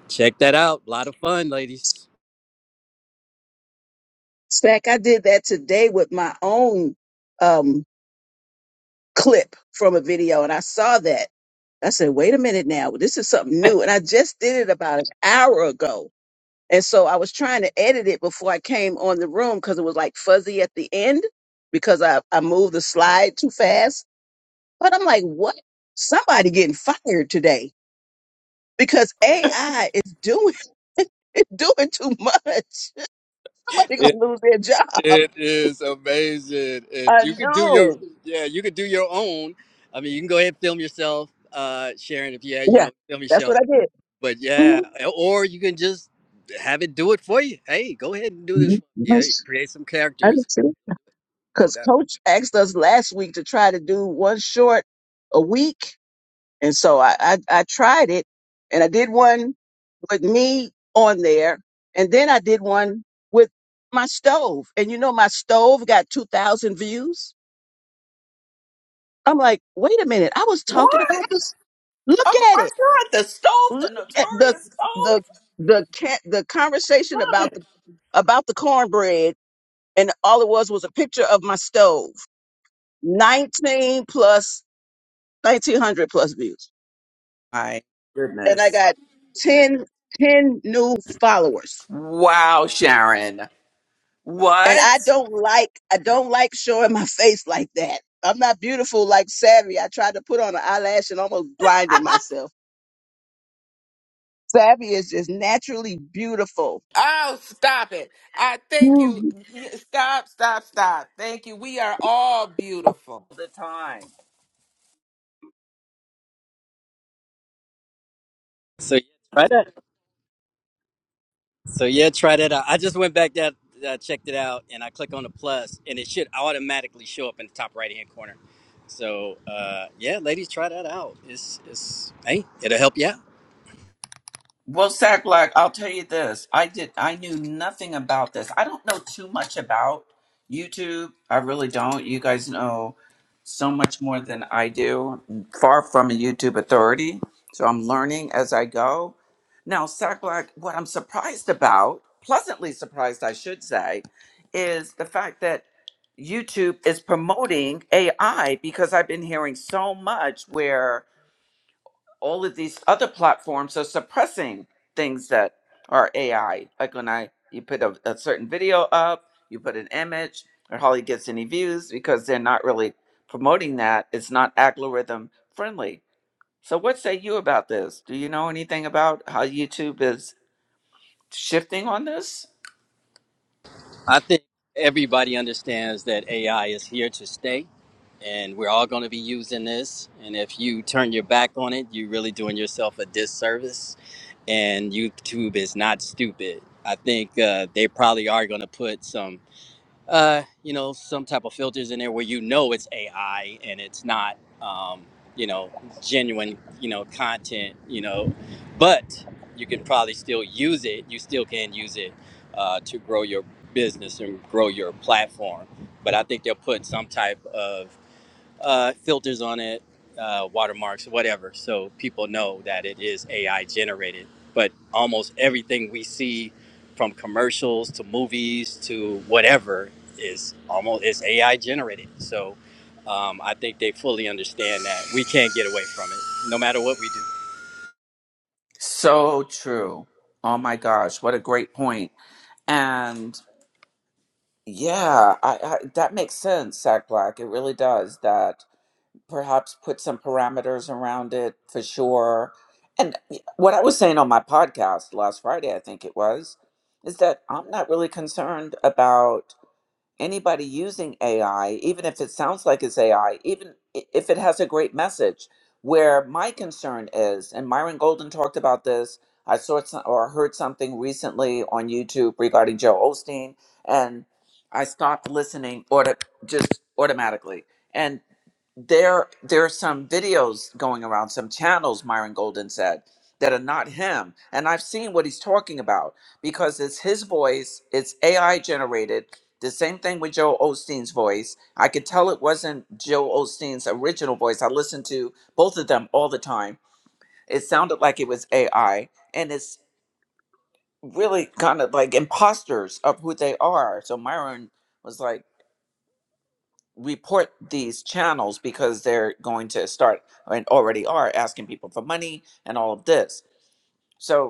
Speaker 5: Check that out. A lot of fun, ladies.
Speaker 2: Stack, I did that today with my own um, clip from a video, and I saw that. I said, wait a minute now, this is something new. And I just did it about an hour ago. And so I was trying to edit it before I came on the room because it was like fuzzy at the end because I, I moved the slide too fast. But I'm like, what? Somebody getting fired today because AI is doing it's doing too much. Somebody gonna lose their job.
Speaker 5: It is amazing, and
Speaker 2: I
Speaker 5: you could do your
Speaker 2: know.
Speaker 5: yeah, you could do your own. I mean, you can go ahead and film yourself, uh, Sharon, if you had, you
Speaker 2: Yeah,
Speaker 5: know, film
Speaker 2: that's what
Speaker 5: yourself.
Speaker 2: I did.
Speaker 5: But yeah,
Speaker 2: Mhm.
Speaker 5: or you can just have it do it for you. Hey, go ahead and do this.
Speaker 2: Mhm.
Speaker 5: for me. Yeah,
Speaker 2: Yes,
Speaker 5: create some
Speaker 2: I
Speaker 5: characters,
Speaker 2: did
Speaker 5: no
Speaker 2: because
Speaker 5: doubt.
Speaker 2: coach asked us last week to try to do one short a week and so I, I i tried it and i did one with me on there and then i did one with my stove and you know my stove got 2000 views i'm like wait a minute i was
Speaker 1: What?
Speaker 2: talking about this look
Speaker 1: Oh my
Speaker 2: at it
Speaker 1: God, the stove,
Speaker 2: look
Speaker 1: the
Speaker 2: at the
Speaker 1: notorious
Speaker 2: the
Speaker 1: stove.
Speaker 2: the cat the conversation
Speaker 1: Love
Speaker 2: about the
Speaker 1: it.
Speaker 2: about the cornbread and all it was was a picture of my stove 19 plus 1900 plus views
Speaker 1: My
Speaker 2: and i
Speaker 1: goodness.
Speaker 2: got 10, 10 new followers
Speaker 1: Wow, Sharon.
Speaker 2: and
Speaker 1: What?
Speaker 2: i don't like i don't like showing my face like that i'm not beautiful like savvy i tried to put on an eyelash and almost blinded myself savvy is just naturally beautiful
Speaker 3: Oh, stop it! I thank you.
Speaker 2: Mm,
Speaker 3: Stop, stop, stop. Thank you. We are all beautiful.
Speaker 1: The time.
Speaker 5: So yeah, try that. So yeah, try that out. I just went back that uh, checked it out, and I click on the plus, and it should automatically show up in the top right hand corner. So uh, yeah, ladies, try that out. It's it's hey, it'll help you out.
Speaker 1: Well, Sack Black, I'll tell you this. I did I knew nothing about this. I don't know too much about YouTube. I really don't. You guys know so much more than I do. I'm far from a YouTube authority. So I'm learning as I go. Now, Sack Black, what I'm surprised about, pleasantly surprised I should say, is the fact that YouTube is promoting AI because I've been hearing so much where all of these other platforms are suppressing things that are AI. Like when I you put a, a certain video up, you put an image, or hardly gets any views because they're not really promoting that. It's not algorithm friendly. So what say you about this? Do you know anything about how YouTube is shifting on this?
Speaker 5: I think everybody understands that AI is here to stay, and we're all going to be using this. And if you turn your back on it, you're really doing yourself a disservice. And YouTube is not stupid. I think uh, they probably are going to put some uh, you know, some type of filters in there where you know it's AI and it's not, um, you know, genuine, you know, content, you know, but you can probably still use it. You still can use it uh, to grow your business and grow your platform. But I think they'll put some type of uh, filters on it, uh, watermarks, whatever, so people know that it is AI generated. But almost everything we see, from commercials to movies to whatever, is almost is AI generated. So um, I think they fully understand that we can't get away from it, no matter what we do.
Speaker 1: So true. Oh my gosh, what a great point. And yeah, I, I that makes sense, Sack Black. It really does that perhaps put some parameters around it for sure. And what I was saying on my podcast last Friday, I think it was, is that I'm not really concerned about anybody using AI, even if it sounds like it's AI, even i- if it has a great message. Where my concern is, and Myron Golden talked about this, I saw some, or heard something recently on YouTube regarding Joe Osteen, and I stopped listening auto, just automatically. and there there are some videos going around some channels myron golden said that are not him and i've seen what he's talking about because it's his voice it's ai generated the same thing with joe osteen's voice i could tell it wasn't joe osteen's original voice i listened to both of them all the time it sounded like it was ai and it's really kind of like imposters of who they are so myron was like report these channels because they're going to start and already are asking people for money and all of this. So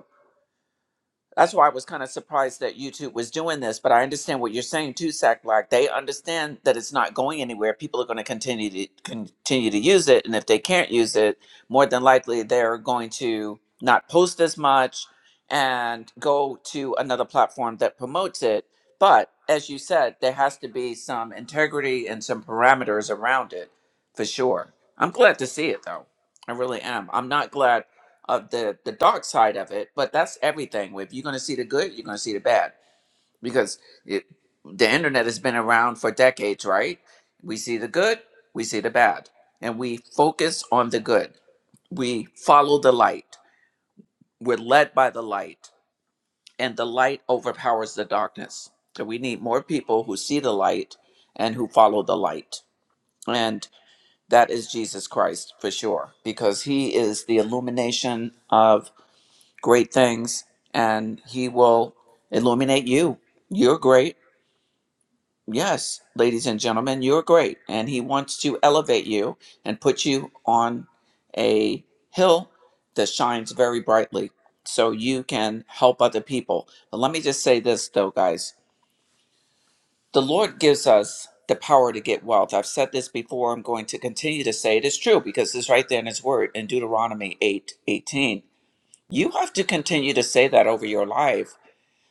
Speaker 1: that's why I was kind of surprised that YouTube was doing this, but I understand what you're saying too, Sack Black. They understand that it's not going anywhere. People are going to continue to continue to use it, and if they can't use it, more than likely they're going to not post as much and go to another platform that promotes it. But as you said, there has to be some integrity and some parameters around it, for sure. I'm glad to see it though. I really am. I'm not glad of the the dark side of it but that's everything if you're going to see the good you're going to see the bad because it, the internet has been around for decades right we see the good we see the bad and we focus on the good we follow the light we're led by the light and the light overpowers the darkness so we need more people who see the light and who follow the light and that is jesus christ for sure because he is the illumination of great things and he will illuminate you. You're great. Yes, ladies and gentlemen, you're great. And he wants to elevate you and put you on a hill that shines very brightly so you can help other people. But let me just say this, though, guys the Lord gives us the power to get wealth. I've said this before. I'm going to continue to say it is true because it's right there in his word in Deuteronomy eight eighteen. You have to continue to say that over your life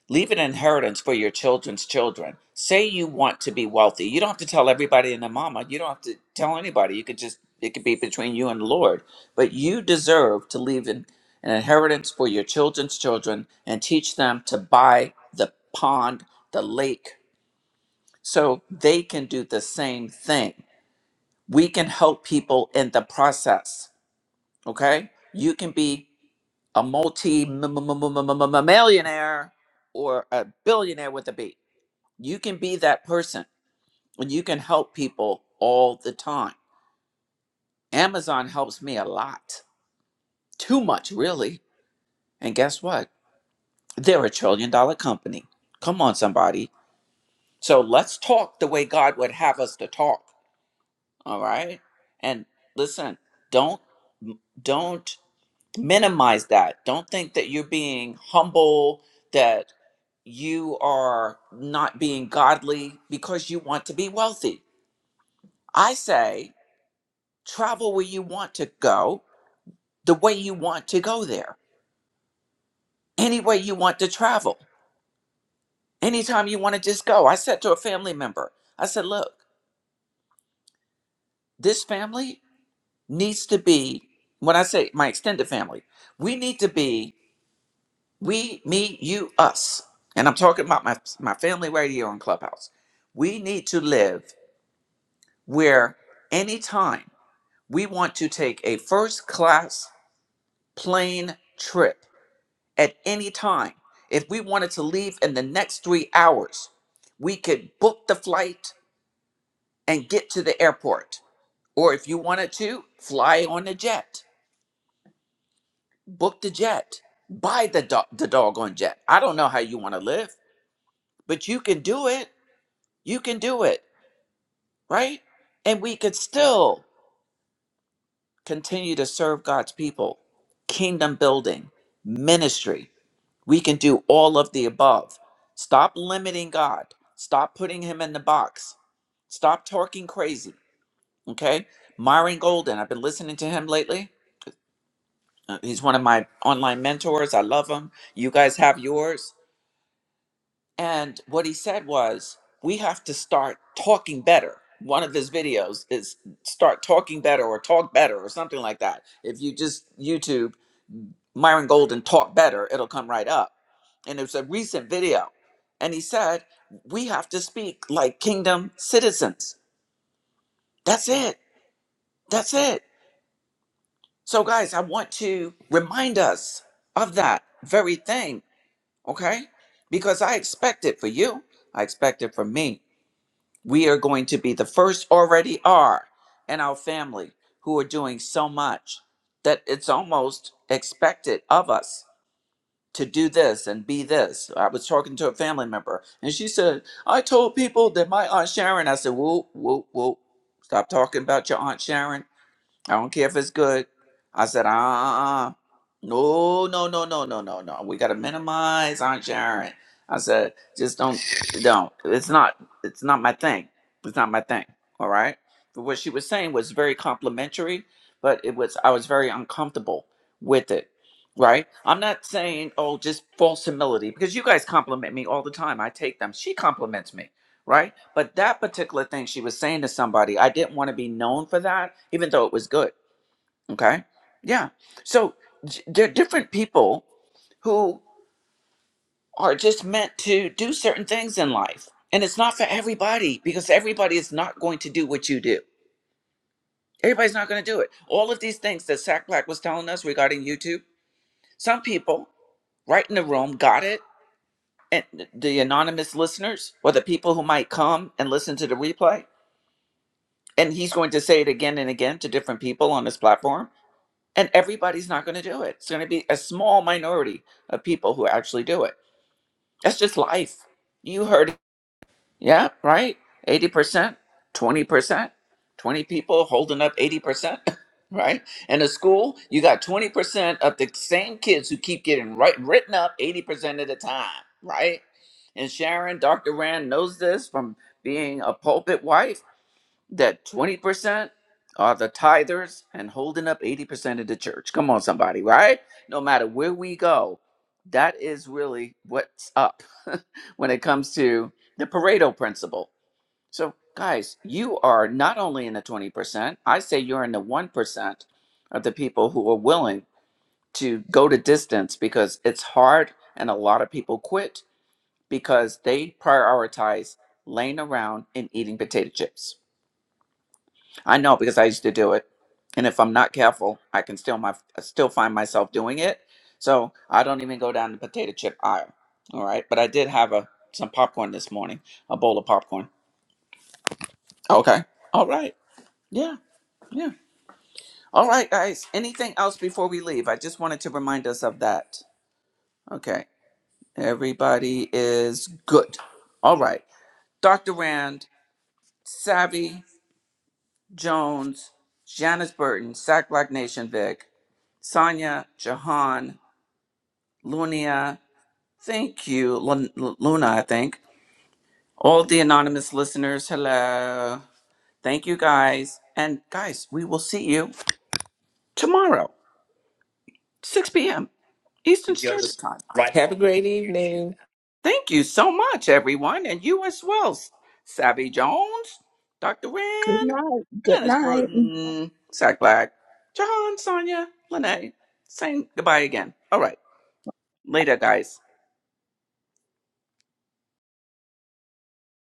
Speaker 1: Leave an inheritance for your children's children. Say you want to be wealthy. You don't have to tell everybody and their mama. You don't have to tell anybody. You could just, it could be between you and the Lord. But you deserve to leave an, an inheritance for your children's children and teach them to buy the pond, the lake, so they can do the same thing. We can help people in the process. Okay? You can be a multi millionaire or a billionaire with a B. You can be that person and you can help people all the time. Amazon helps me a lot, too much, really. And guess what? They're a trillion dollar company. Come on, somebody. So let's talk the way God would have us to talk. All right. And listen, don't, don't minimize that. Don't think that you're being humble, that you are not being godly because you want to be wealthy. I say, travel where you want to go, the way you want to go there, any way you want to travel, anytime you want to just go. I said to a family member, I said, look, this family needs to be, when I say my extended family, we need to be we, me, you, us. And I'm talking about my, my family radio and clubhouse. We need to live where anytime we want to take a first class plane trip at any time. If we wanted to leave in the next three hours, we could book the flight and get to the airport. Or if you wanted to, fly on a jet, book the jet, buy the, do- the doggone jet. I don't know how you want to live, but you can do it. You can do it, right? And we could still continue to serve God's people, kingdom building, ministry We can do all of the above. Stop limiting God. Stop putting him in the box. Stop talking crazy. Okay? Myron Golden, I've been listening to him lately. Uh, He's one of my online mentors. I love him. You guys have yours. And what he said was, we have to start talking better. One of his videos is start talking better or talk better or something like that. If you just YouTube Myron Golden talk better, it'll come right up. And it was a recent video. And he said, we have to speak like kingdom citizens. That's it. That's it. So, guys, I want to remind us of that very thing, okay? Because I expect it for you, I expect it for me. We are going to be the first, already are, in our family who are doing so much that it's almost expected of us to do this and be this. I was talking to a family member and she said, I told people that my Aunt Sharon, I said, whoa, whoa, whoa, stop talking about your Aunt Sharon. I don't care if it's good. I said, uh uh uh. uh. No, no, no, no, no, no, no. We gotta minimize Aunt Sharon. I said, just don't don't. It's not it's not my thing. It's not my thing. All right. But what she was saying was very complimentary, but it was I was very uncomfortable with it. Right? I'm not saying, oh, just false humility, because you guys compliment me all the time. I take them. She compliments me right? But that particular thing she was saying to somebody, I didn't want to be known for that, even though it was good. Okay. Yeah. So j- there are different people who are just meant to do certain things in life. And it's not for everybody because everybody is not going to do what you do. Everybody's not going to do it. All of these things that Sack Black was telling us regarding YouTube, some people right in the room got it. And th- the anonymous listeners or the people who might come and listen to the replay, and he's going to say it again and again to different people on his platform and everybody's not going to do it it's going to be a small minority of people who actually do it that's just life you heard it. yeah right 80% 20% 20 percent, twenty people holding up 80% right in a school you got 20% of the same kids who keep getting right written up 80% of the time right and sharon dr rand knows this from being a pulpit wife that 20% are the tithers and holding up 80% of the church. Come on, somebody, right? No matter where we go, that is really what's up when it comes to the Pareto principle. So, guys, you are not only in the 20%, I say you're in the 1% of the people who are willing to go to distance because it's hard and a lot of people quit because they prioritize laying around and eating potato chips I know because I used to do it. And if I'm not careful, I can still my still find myself doing it. So I don't even go down the potato chip aisle. All right. But I did have a some popcorn this morning, a bowl of popcorn. Okay. All right. Yeah. Yeah. All right, guys. Anything else before we leave? I just wanted to remind us of that. Okay. Everybody is good. All right. Dr. Rand, savvy, Jones, Janice Burton, Sack Black Nation Vic, Sonia, Jahan, Lunia, thank you, Lun- Luna, I think. All the anonymous listeners, hello. Thank you guys. And guys, we will see you tomorrow, 6 p.m.
Speaker 3: you
Speaker 1: Eastern Standard Time.
Speaker 3: right. Have a great evening.
Speaker 1: Thank you so much, everyone, and you as well. Savvy Jones, Dr.
Speaker 2: good
Speaker 1: Rand,
Speaker 2: night good
Speaker 1: Janice
Speaker 2: night
Speaker 1: Burton, Sack Black, Jahan, Sonia, Lene, saying goodbye again. All right. Later, guys.